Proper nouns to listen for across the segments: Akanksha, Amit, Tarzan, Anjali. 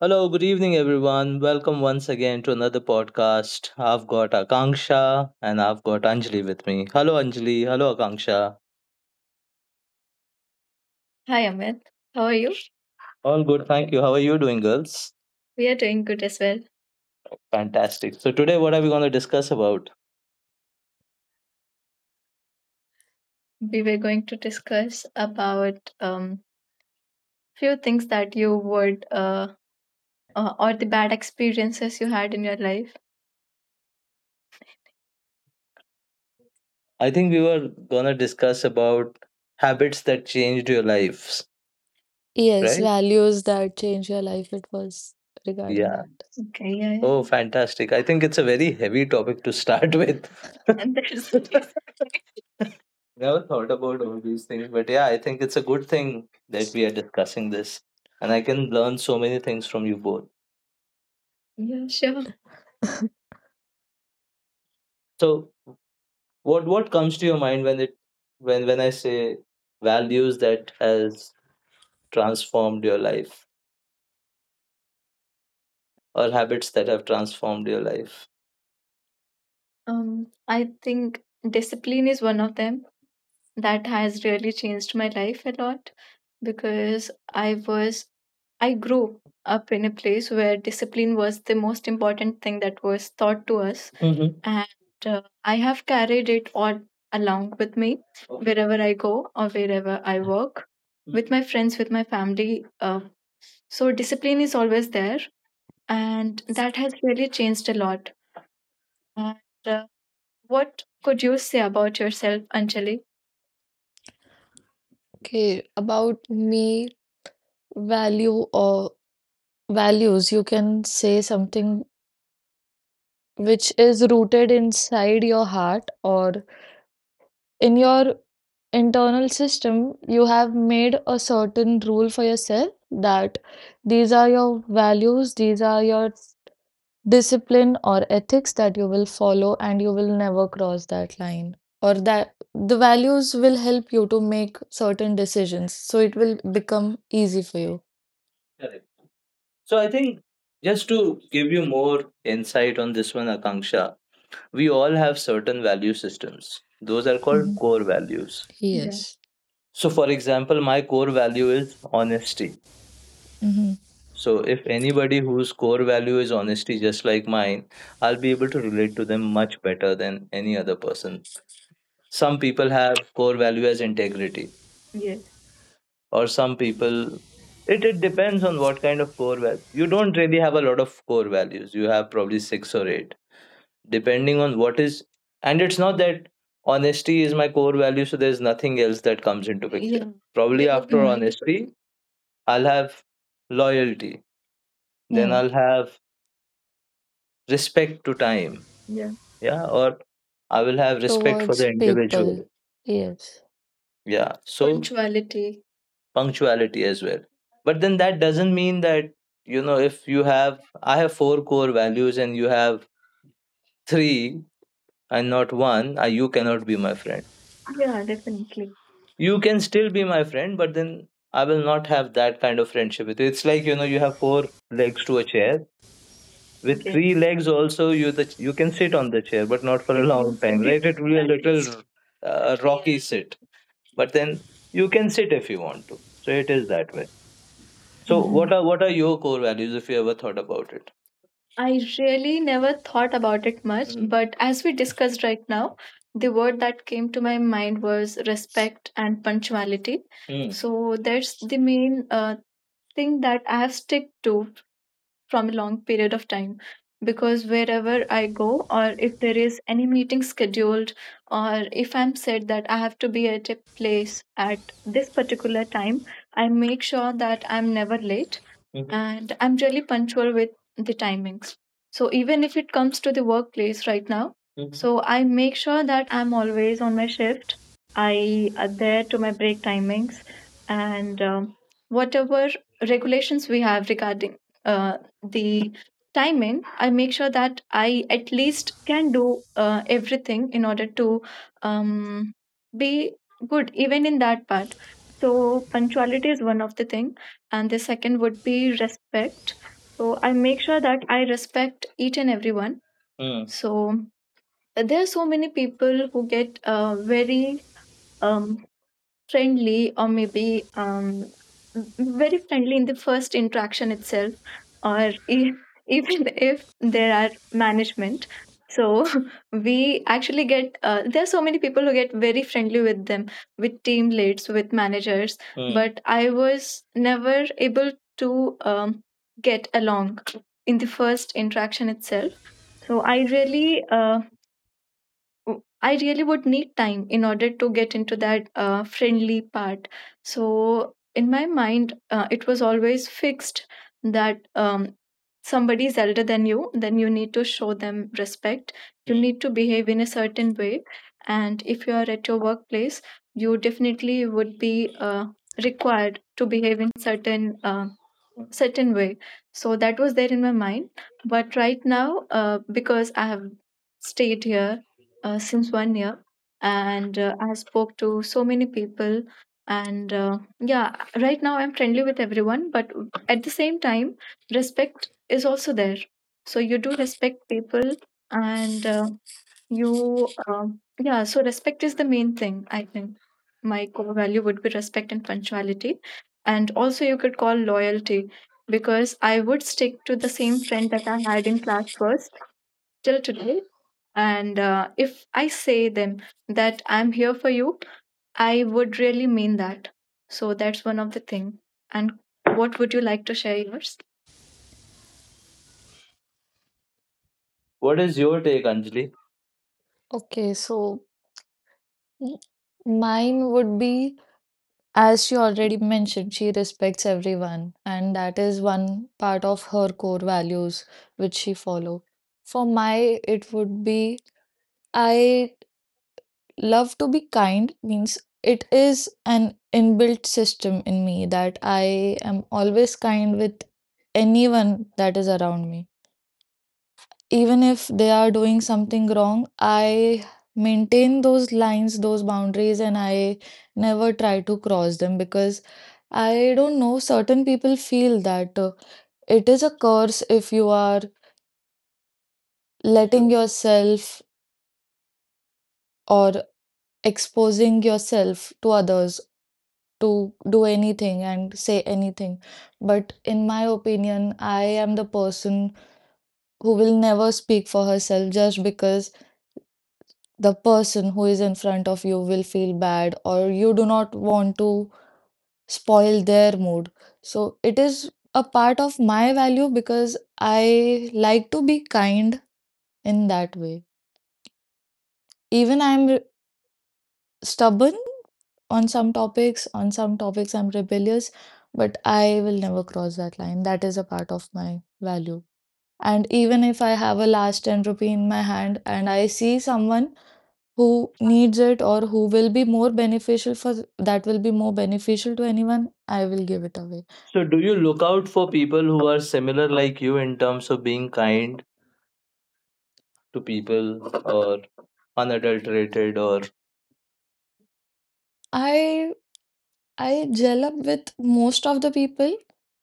Hello, good evening, everyone. Welcome once again to another podcast. I've got Akanksha and I've got Anjali with me. Hello, Anjali. Hello, Akanksha. Hi Amit, how are you? All good, thank you. How are you doing, girls? We are doing good as well. Fantastic. So, today, what are we going to discuss about? We were going to discuss about few things that you would or the bad experiences you had in your life. I think we were going to discuss about habits that changed your lives, Yes, right? values that change your life. It was regarding Yeah. that. Okay, yeah. Oh, fantastic. I think it's a very heavy topic to start with. And there's exactly. Never thought about all these things, but yeah, I think it's a good thing that we are discussing this, and I can learn so many things from you both. Yeah, sure. So, what comes to your mind when it when I say values that has transformed your life or habits that have transformed your life? I think discipline is one of them that has really changed my life a lot because I grew up in a place where discipline was the most important thing that was taught to us, hmm and I have carried it all along with me. Okay. Wherever I go or wherever I work, with my friends, with my family. So discipline is always there, and that has really changed a lot. And, uh, what could you say about yourself, Anjali? Okay, about me, value or values, you can say something which is rooted inside your heart or in your internal system. You have made a certain rule for yourself that these are your values, these are your discipline or ethics that you will follow and you will never cross that line or that the values will help you to make certain decisions, so it will become easy for you. Correct. So I think just to give you more insight on this one, Akanksha, we all have certain value systems. Those are called Hmm. core values. Yeah. Yes. So, for example, my core value is honesty. Hmm. So, if anybody whose core value is honesty, just like mine, I'll be able to relate to them much better than any other person. Some people have core value as integrity, or some people it depends on what kind of core value. You don't really have a lot of core values. You have probably six or eight depending on what is, and it's not that honesty is my core value so there's nothing else that comes into picture. Yeah. Probably there would be after be many. Hmm. Honesty, I'll have loyalty, then. Yeah. I'll have respect to time. Yeah, yeah, or I will have respect for Towards the people. individual. Yes. Yeah, so. Punctuality. Punctuality as well, but then that doesn't mean that, you know, if you have, I have four core values and you have three and not one, you cannot be my friend. Yeah, definitely. You can still be my friend, but then I will not have that kind of friendship with you. It's like, you know, you have four legs to a chair. With. Yes. Three legs also you, the, you can sit on the chair, but not for a long time, right? It will be a little rocky sit, but then you can sit if you want to, so it is that way. So Hmm. what are, what are your core values, if you ever thought about it? I really never thought about it much, mm, but as we discussed right now, the word that came to my mind was respect and punctuality. Mm. So that's the main thing that I have stick to from a long period of time because wherever I go, or if there is any meeting scheduled, or if I'm said that I have to be at a place at this particular time, I make sure that I'm never late, mhm, and I'm really punctual with the timings. So even if it comes to the workplace right now, mhm, so I make sure that I'm always on my shift. I adhere to my break timings and whatever regulations we have regarding uh, the timing, I make sure that I at least can do everything in order to um, be good even in that part. So punctuality is one of the thing and the second would be respect. So I make sure that I respect each and everyone. Mm. So there are so many people who get very um, friendly or maybe very friendly in the first interaction itself, or even if there are management, so we actually get there are so many people who get very friendly with them, with team leads, with managers. Hmm. But I was never able to get along in the first interaction itself, so I really I really would need time in order to get into that friendly part. So, in my mind, it was always fixed that somebody is elder than you, then you need to show them respect. You need to behave in a certain way. And if you are at your workplace, you definitely would be required to behave in certain way. So that was there in my mind. But right now, because I have stayed here since 1 year and I spoke to so many people and yeah right now I'm friendly with everyone, but at the same time respect is also there, so you do respect people and you yeah, so respect is the main thing. I think my core value would be respect and punctuality, and also you could call loyalty because I would stick to the same friend that I had in class first till today. And if I say them that I'm here for you, I would really mean that. So that's one of the thing. And what would you like to share yours? What is your take, Anjali? Okay, so mm, mine would be, as she already mentioned, she respects everyone and that is one part of her core values which she follow. For my, it would be I love to be kind. Means it is an inbuilt system in me that I am always kind with anyone that is around me. Even if they are doing something wrong, I maintain those lines, those boundaries, and I never try to cross them because I don't know, certain people feel that it is a curse if you are For letting sure. yourself. Or exposing yourself to others to do anything and say anything. But in my opinion, I am the person who will never speak for herself just because the person who is in front of you will feel bad or you do not want to spoil their mood. So it is a part of my value because I like to be kind in that way. Even I am stubborn on some topics I'm rebellious, but I will never cross that line. That is a part of my value. And even if I have a last 10 rupee in my hand and I see someone who needs it or who will be more beneficial, for that will be more beneficial to anyone, I will give it away. So, do you look out for people who are similar like you in terms of being kind to people or unadulterated or? I I gel up with most of the people,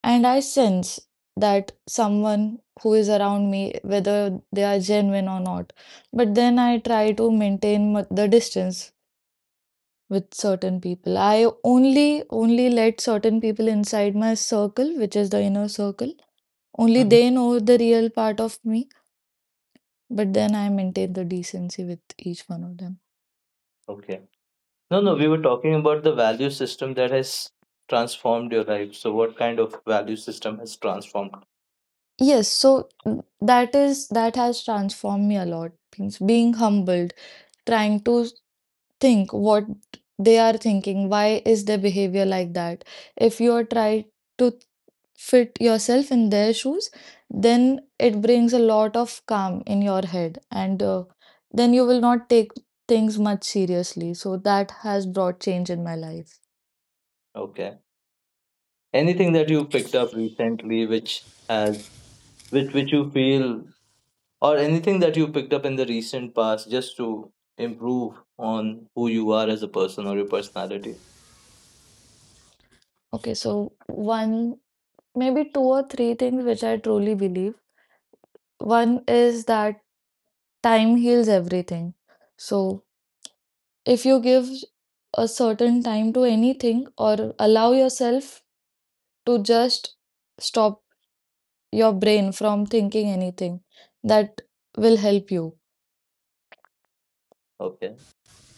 and I sense that someone who is around me, whether they are genuine or not. But then I try to maintain the distance with certain people. I only let certain people inside my circle, which is the inner circle. Only Mhm. they know the real part of me, but then I maintain the decency with each one of them. Okay. No, no, Mm. we were talking about the value system that has transformed your life. So, what kind of value system has transformed? Yes, so that has transformed me a lot. Means being humble, trying to think what they are thinking, why is their behavior like that. If you are trying to fit yourself in their shoes, then it brings a lot of calm in your head and then you will not take things much seriously, so that has brought change in my life. Okay. Anything that you picked up recently which has, which you feel, or anything that you picked up in the recent past just to improve on who you are as a person or your personality. Okay, so one, maybe two or three things which I truly believe. One is that time heals everything. So if you give a certain time to anything or allow yourself to just stop your brain from thinking anything, that will help you. Okay.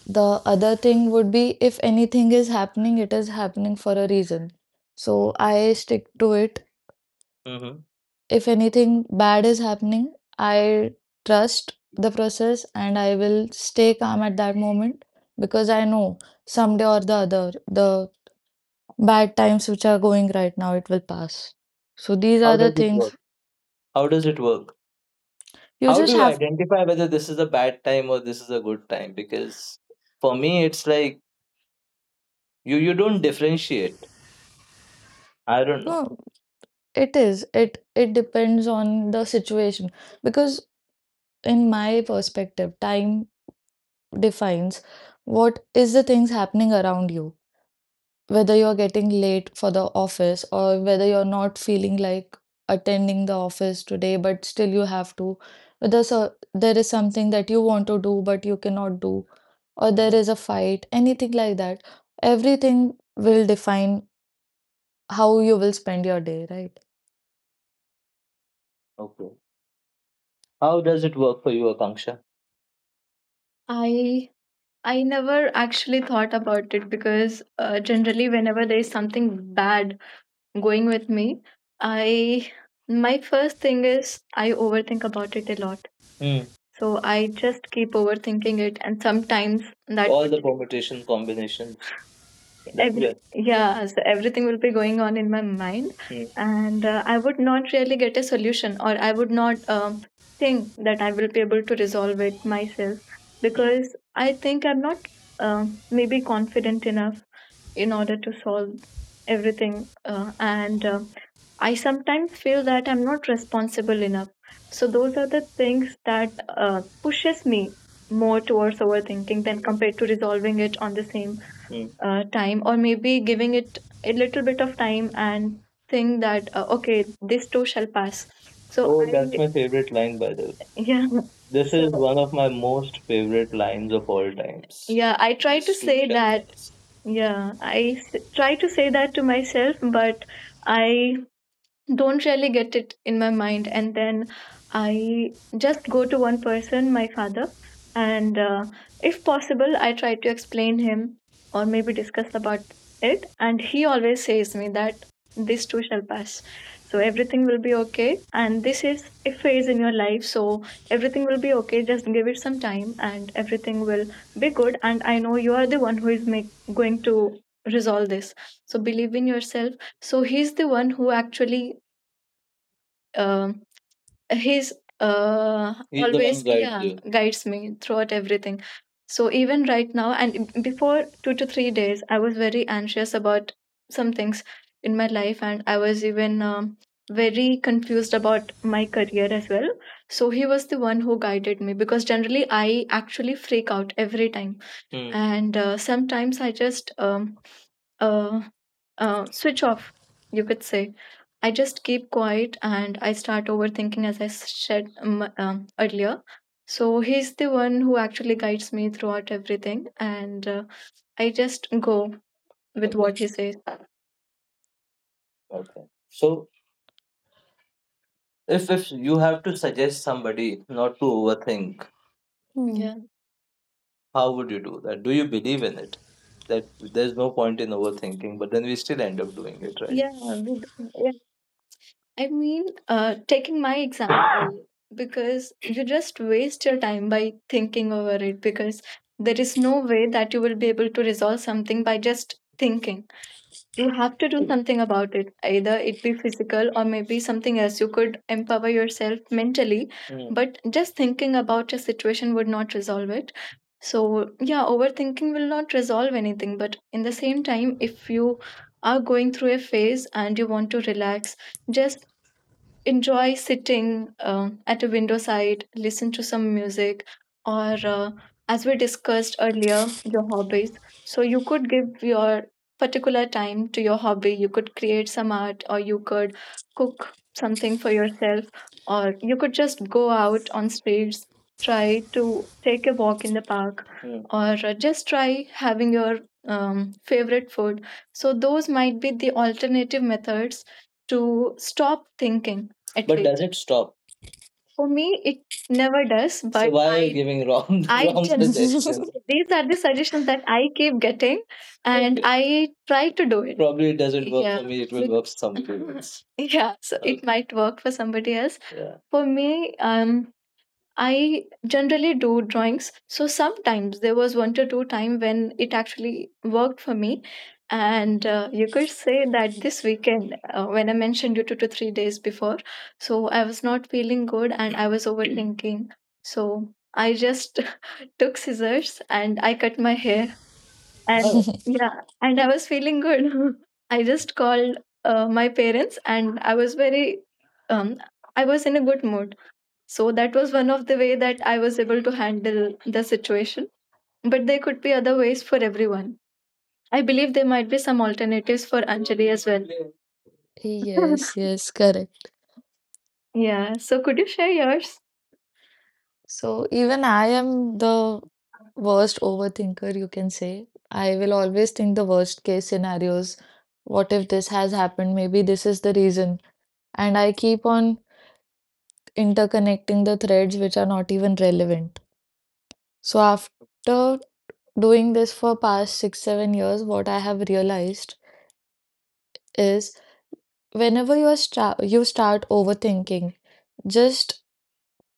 The other thing would be if anything is happening, it is happening for a reason. So I stick to it. Mm-hmm. If anything bad is happening, I trust the process and I will stay calm at that moment because I know someday or the other the bad times which are going right now, it will pass. So these how are the does it work things how does it work, you how just do you have. identify whether this is a bad time or this is a good time? Because for me it's like you don't differentiate, I don't know. No, it is. It depends on the situation. Because in my perspective, time defines what is the things happening around you. Whether you're getting late for the office or whether you're not feeling like attending the office today but still you have to, whether so there is something that you want to do but you cannot do or there Hmm. is a fight, anything like that, everything will define how you will spend your day, right? Okay, how does it work for you, Akanksha? I I never actually thought about it because generally, whenever there is something bad going with me, I my first thing is I overthink about it a lot. Hmm. So I just keep overthinking it, and sometimes that. All the permutation combination, every. Yes, yeah, so everything will be going on in my mind. Mm. And I would not really get a solution, or I would not think that I will be able to resolve it myself, because I think I'm not maybe confident enough in order to solve everything, and I sometimes feel that I'm not responsible enough. So those are the things that pushes me more towards overthinking than compared to resolving it on the same time, or maybe giving it a little bit of time and think that okay, this too shall pass. So. Oh, that's, I, my favorite line, by the way. Yeah. This is, so, one of my most favorite lines of all times. Yeah, I try to. Sweet. Say and that. Nice. Yeah, I try to say that to myself, but I don't really get it in my mind, and then I just go to one person, my father, and if possible I try to explain him or maybe discuss about it, and he always says me that this too shall pass, so everything will be okay, and this is a phase in your life, so everything will be okay, just give it some time and everything will be good, and I know you are the one who is going to resolve this, so believe in yourself. So he's the one who actually, um, he's, he's the one. Always guides. Yeah you. Guides me throughout everything. So even right now, and before 2 to 3 days, I was very anxious about some things in my life, and I was even very confused about my career as well. So he was the one who guided me, because generally I actually freak out every time. Hmm. And sometimes I just uh, switch off, you could say. I just keep quiet and I start overthinking, as I said earlier. So he's the one who actually guides me throughout everything, and I just go with. Okay. What he says. Okay. So if you have to suggest somebody not to overthink, Hmm. yeah, how would you do that? Do you believe in it? That there's no point in overthinking, but then we still end up doing it, right? Yeah, we do. I mean, taking my example, because you just waste your time by thinking over it, because there is no way that you will be able to resolve something by just thinking. You have to do something about it, either it be physical or maybe something else. You could empower yourself mentally. Mm. But just thinking about a situation would not resolve it. So, yeah, overthinking will not resolve anything, but in the same time, if you are going through a phase and you want to relax, just enjoy sitting at a window side, listen to some music, or as we discussed earlier, your hobbies. So you could give your particular time to your hobby. You could create some art, or you could cook something for yourself, or you could just go out on streets, try to take a walk in the park, yeah, or just try having your favorite food. So those might be the alternative methods to stop thinking at But least. Does it stop? For me, it never does. So but why are you I giving wrong suggestion? These are the suggestions that I keep getting and, okay, I try to do it. Probably it doesn't work, yeah, for me. It will work for somebody else. Yeah, so it, okay, might work for somebody else. Yeah. For me, um I generally do drawings. So sometimes there was one to two time when it actually worked for me. And you could say that this weekend, when I mentioned you 2 to 3 days before, so I was not feeling good and I was overthinking. So I just took scissors and I cut my hair. And, oh, yeah, and I was feeling good. I just called my parents and I was very, um, I was in a good mood. So that was one of the way that I was able to handle the situation. But there could be other ways for everyone. I believe there might be some alternatives for Anjali as well. Yes, yes, correct. Yeah. So could you share yours? So even I am the worst overthinker, you can say. I will always think the worst case scenarios. What if this has happened? Maybe this is the reason. And I keep on interconnecting the threads which are not even relevant. So after doing this for past 6, 7 years, what I have realized is whenever you are stra you start overthinking, just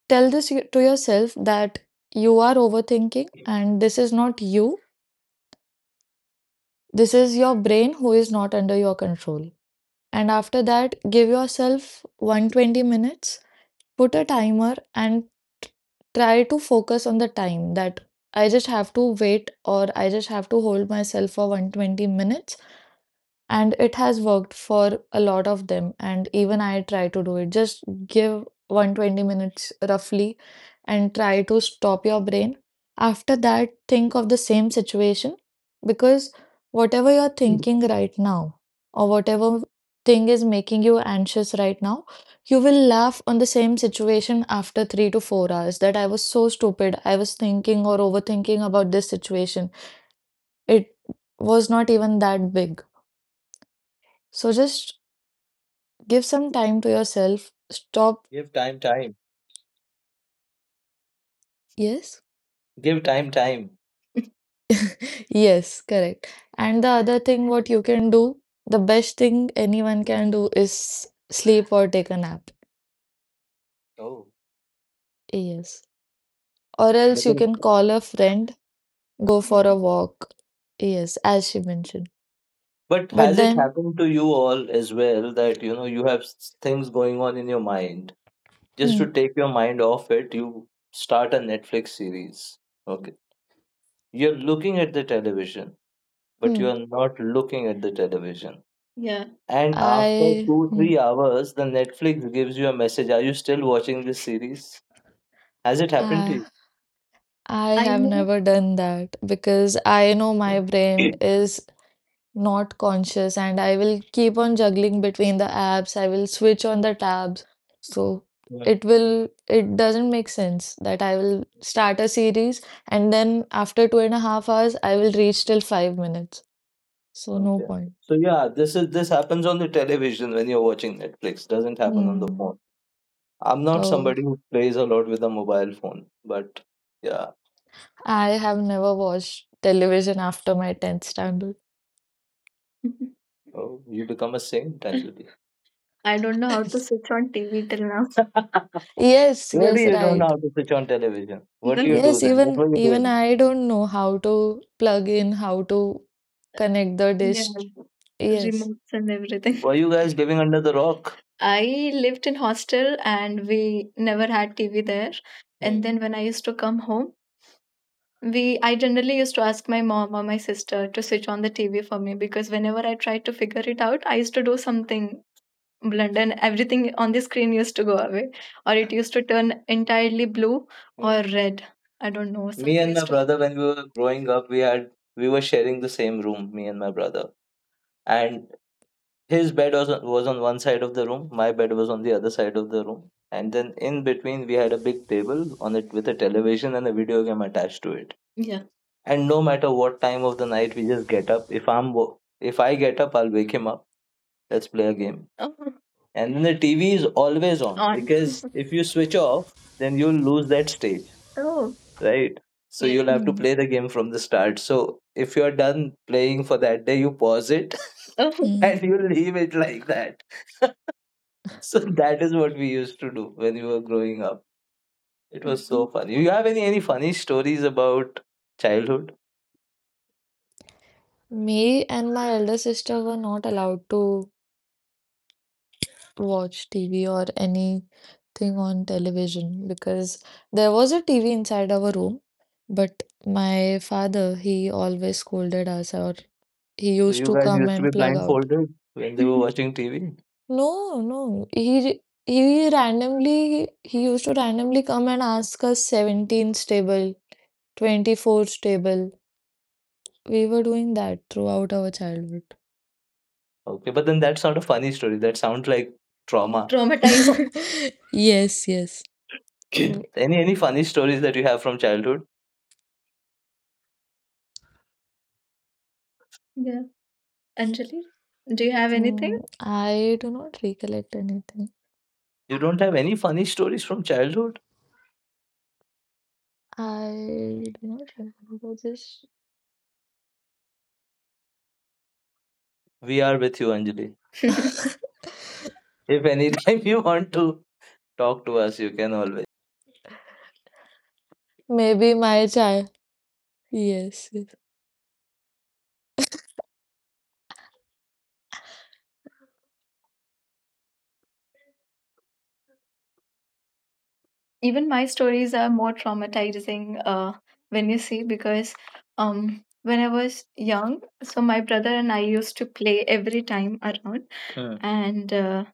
tell to yourself that you are overthinking and this is not you. This is your brain who is not under your control. And after that, give yourself 120 minutes, put a timer, and t- try to focus on the time that I just have to wait or I just have to hold myself for 120 minutes, and it has worked for a lot of them. And even I try to do it, just give 120 minutes roughly and try to stop your brain. After that, think of the same situation, because whatever you're thinking right now or whatever thing is making you anxious right now, you will laugh on the same situation after 3 to 4 hours that I was so stupid, I was thinking or overthinking about this situation, it was not even that big. So just give some time to yourself. Stop. Give time, time. Yes? Give time, time. Yes, correct. And the other thing, what you can do, the best thing anyone can do is sleep or take a nap. Oh. Yes. Or else But, you can call a friend, go yeah, for a walk. Yes, as she mentioned. but But has it then, happened to you all as well that you know you have things going on in your mind? Just hmm, to take your mind off it, you start a Netflix series. Okay. You're looking at the television, but hmm, you're not looking at the television. Yeah. And after I, two, hmm, 3 hours, the Netflix gives you a message. Are you still watching this series? Has it happened to I, you? I I have know. never done that because I know my brain is not conscious and I will keep on juggling between the apps. I will switch on the tabs. So Yeah. it doesn't make sense that I will start a series and then after 2.5 hours, I will reach till 5 minutes. So no Okay. point. So yeah, this happens on the television when you're watching Netflix. Doesn't happen on the Hmm. phone. I'm not Oh, somebody who plays a lot with a mobile phone, but yeah, I have never watched television after my 10th standard. oh, you become a saint actually. I don't know how to switch on TV till now. Yes, Really, yes, you don't know right. how to switch on television. What do you do Yes, then? What even were you even doing? I don't know how to plug in, how to connect the Yeah, dish. Yes. remotes and everything. Were you guys living under the rock? I lived in hostel and we never had TV there. And then when I used to come home, we I generally used to ask my mom or my sister to switch on the TV for me because whenever I tried to figure it out, I used to do something blood and everything on the screen used to go away or it used to turn entirely blue or red. I don't know. Some me and my used to brother when we were growing up we had we were sharing the same room, me and my brother, and his bed was on one side of the room, my bed was on the other side of the room, and then in between we had a big table on it with a television and a video game attached to it, yeah, and no matter what time of the night we just get up. If I get up I'll wake him up. Let's play a game. Oh. And then the TV is always on. Because if you switch off, then you'll lose that stage, oh, right? So yeah, you'll have to Mm. play the game from the start. So if you're done playing for that day, you pause it, oh, Mm. and you leave it like that. So that is what we used to do when we were growing up. It was so, mhm, funny. You have any funny stories about childhood? Me and my elder sister were not allowed to watch TV or anything on television because there was a TV inside our room, but my father, he always scolded us or he So used you to guys come used to be and plug out. blindfolded when they were watching TV? No, no, he used to randomly come and ask us 17 stable, 24 stable. We were doing that throughout our childhood. Okay, but then that's not a funny story. That sounds like trauma. Traumatized. Yes, yes. Okay. Any funny stories that you have from childhood? Yeah. Anjali, do you have anything? I do not recollect anything. You don't have any funny stories from childhood? I do not remember this. We are with you, Anjali. If anytime you want to talk to us, you can always. Maybe my child. Yes. Yes. Even my stories are more traumatizing when you see because when I was young, so my brother and I used to play every time around, hmm, and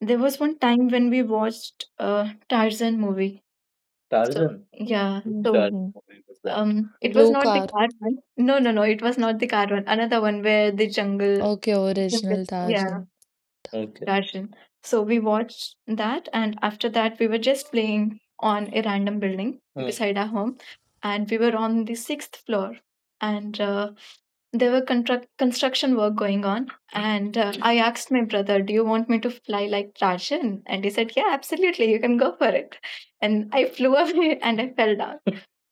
there was one time when we watched a Tarzan movie. So Tarzan, yeah. Which so Tarzan Mhm. movie was that? It was Blue not the car. car one. No, no, no, it was not the car one. Another one where the jungle. Okay, Jungle, original yeah. Tarzan. Okay. Russian. So we watched that, and after that, we were just playing on a random building, hmm, beside our home, and we were on the 6th floor, and there were construction work going on, and I asked my brother, "Do you want me to fly like Rajan?" And he said, "Yeah, absolutely, you can go for it." And I flew away and I fell down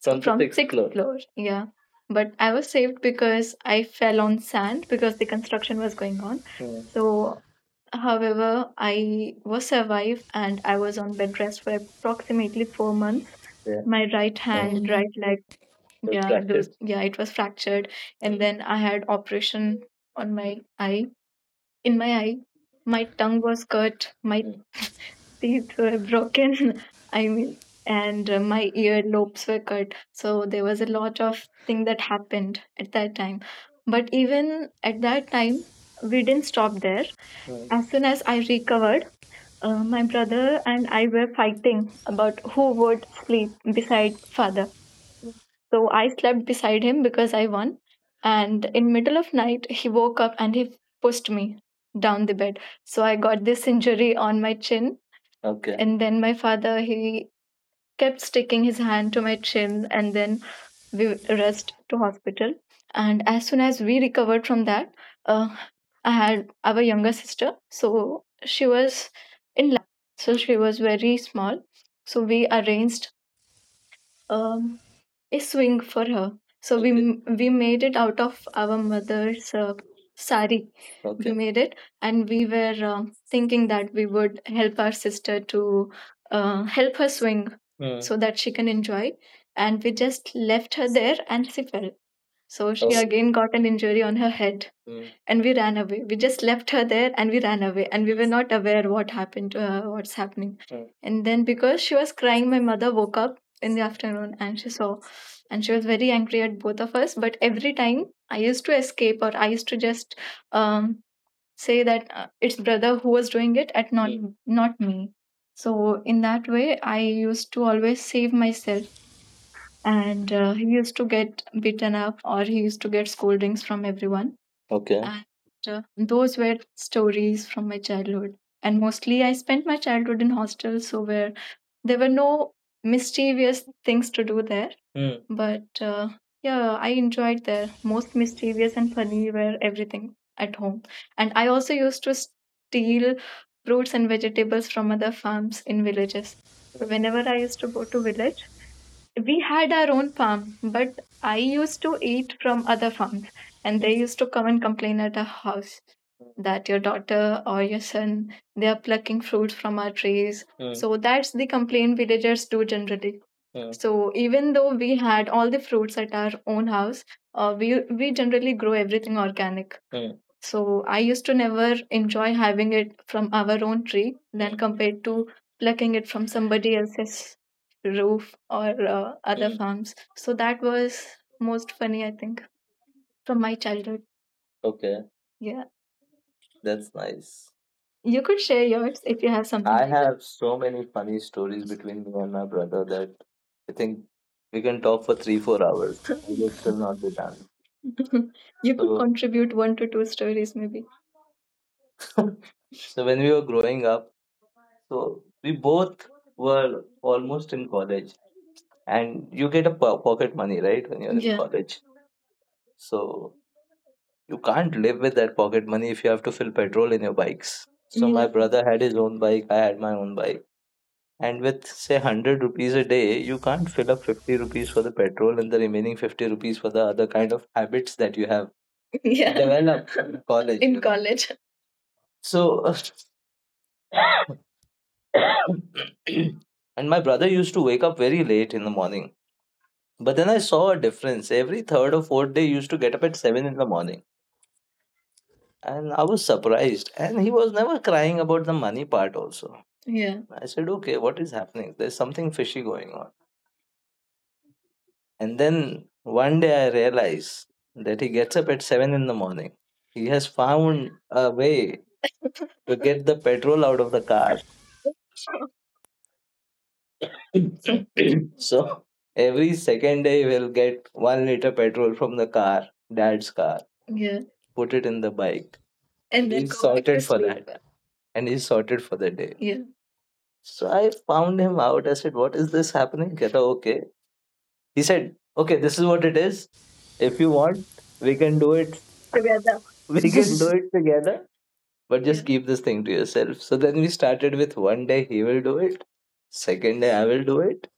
from the sixth floor. Floor. Yeah. But I was saved because I fell on sand because the construction was going on. Hmm. So, however, I was survived and I was on bed rest for approximately 4 months. Yeah. My right Oh hand, no. right leg, was, yeah, those, yeah, it was fractured, and then I had operation on my eye, in my eye. My tongue was cut. My teeth were broken. I mean, and my earlobes were cut. So there was a lot of thing that happened at that time. But even at that time, we didn't stop there. Right. As soon as I recovered, my brother and I were fighting about who would sleep beside father. So I slept beside him because I won. And in middle of night, he woke up and he pushed me down the bed. So I got this injury on my chin. Okay. And then my father, he kept sticking his hand to my chin and then we rushed to hospital. And as soon as we recovered from that, uh, I had our younger sister. So she was, in so she was very small. So we arranged um, a swing for her. So we, okay, we made it out of our mother's sari. We, okay, made it, and we were thinking that we would help our sister to help her swing, mm, so that she can enjoy. And we just left her there, and she fell. So she, oh, again got an injury on her head, mm, and we ran away. We just left her there and we ran away and we were not aware what happened to her, what's happening. Mm. And then because she was crying, my mother woke up in the afternoon and she saw and she was very angry at both of us. But every time I used to escape or I used to just um, say that it's brother who was doing it at not, mm, not me. So in that way, I used to always save myself and he used to get beaten up or he used to get scoldings from everyone, okay, and those were stories from my childhood and mostly I spent my childhood in hostels so where there were no mischievous things to do there, hmm, but yeah I enjoyed there. Most mischievous and funny were everything at home and I also used to steal fruits and vegetables from other farms in villages. So whenever I used to go to village we had our own farm, but I used to eat from other farms, and they used to come and complain at our house that your daughter or your son they are plucking fruits from our trees. Mm. So that's the complaint villagers do generally. Mm. So even though we had all the fruits at our own house, we generally grow everything organic. Mm. So I used to never enjoy having it from our own tree than, mm, compared to plucking it from somebody else's roof or other, mm, farms. So that was most funny, I think, from my childhood. Okay, yeah, that's nice. You could share yours if you have something. I like that. Have so many funny stories between me and my brother that I think we can talk for three, 4 hours. We will still not be done. You could So, contribute one to two stories, maybe. So when we were growing up, so we both were almost in college, and you get a pocket money, right, when you're in, yeah, college. So you can't live with that pocket money if you have to fill petrol in your bikes. So my, yeah, Mhm. brother had his own bike, I had my own bike. And with say 100 rupees a day, you can't fill up 50 rupees for the petrol and the remaining 50 rupees for the other kind of habits that you have yeah developed in college, in you know. College. So, and my brother used to wake up very late in the morning. But then I saw a difference. Every third or fourth day, he used to get up at 7 in the morning. And I was surprised. And he was never crying about the money part, also. Yeah. I said, okay, what is happening? There's something fishy going on. And then one day I realize that he gets up at 7 in the morning. He has found a way to get the petrol out of the car. So every second day we'll get 1 liter petrol from the car, dad's car, yeah, put it in the bike. And then he's sorted for that. And he's sorted for the day. Yeah. So I found him out. I said, what is this happening? He said, okay. He said, okay, this is what it is. If you want, we can do it together. We can do it together, but just keep this thing to yourself. So then we started with one day he will do it, second day I will do it,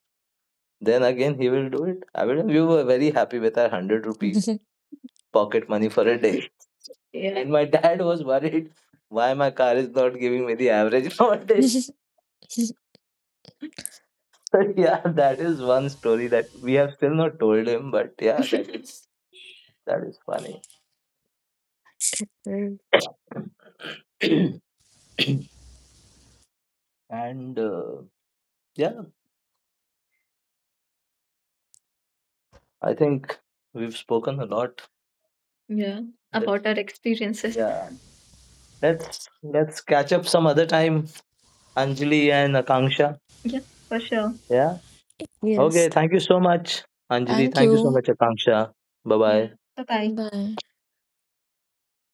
then again he will do it. I will. We were very happy with our 100 rupee pocket money for a day, yeah, and my dad was worried why my car is not giving me the average nowadays. Yeah, that is one story that we have still not told him, but yeah, that is funny. And yeah, I think we've spoken a lot. Yeah. Let's about our experiences, yeah, let's let's catch up some other time, Anjali and Akanksha. Yeah, for sure. Yeah. Yes. Okay. Thank you so much, Anjali. Thank Thank you so you. much, Akanksha. Bye, yeah, bye. Bye bye. Bye.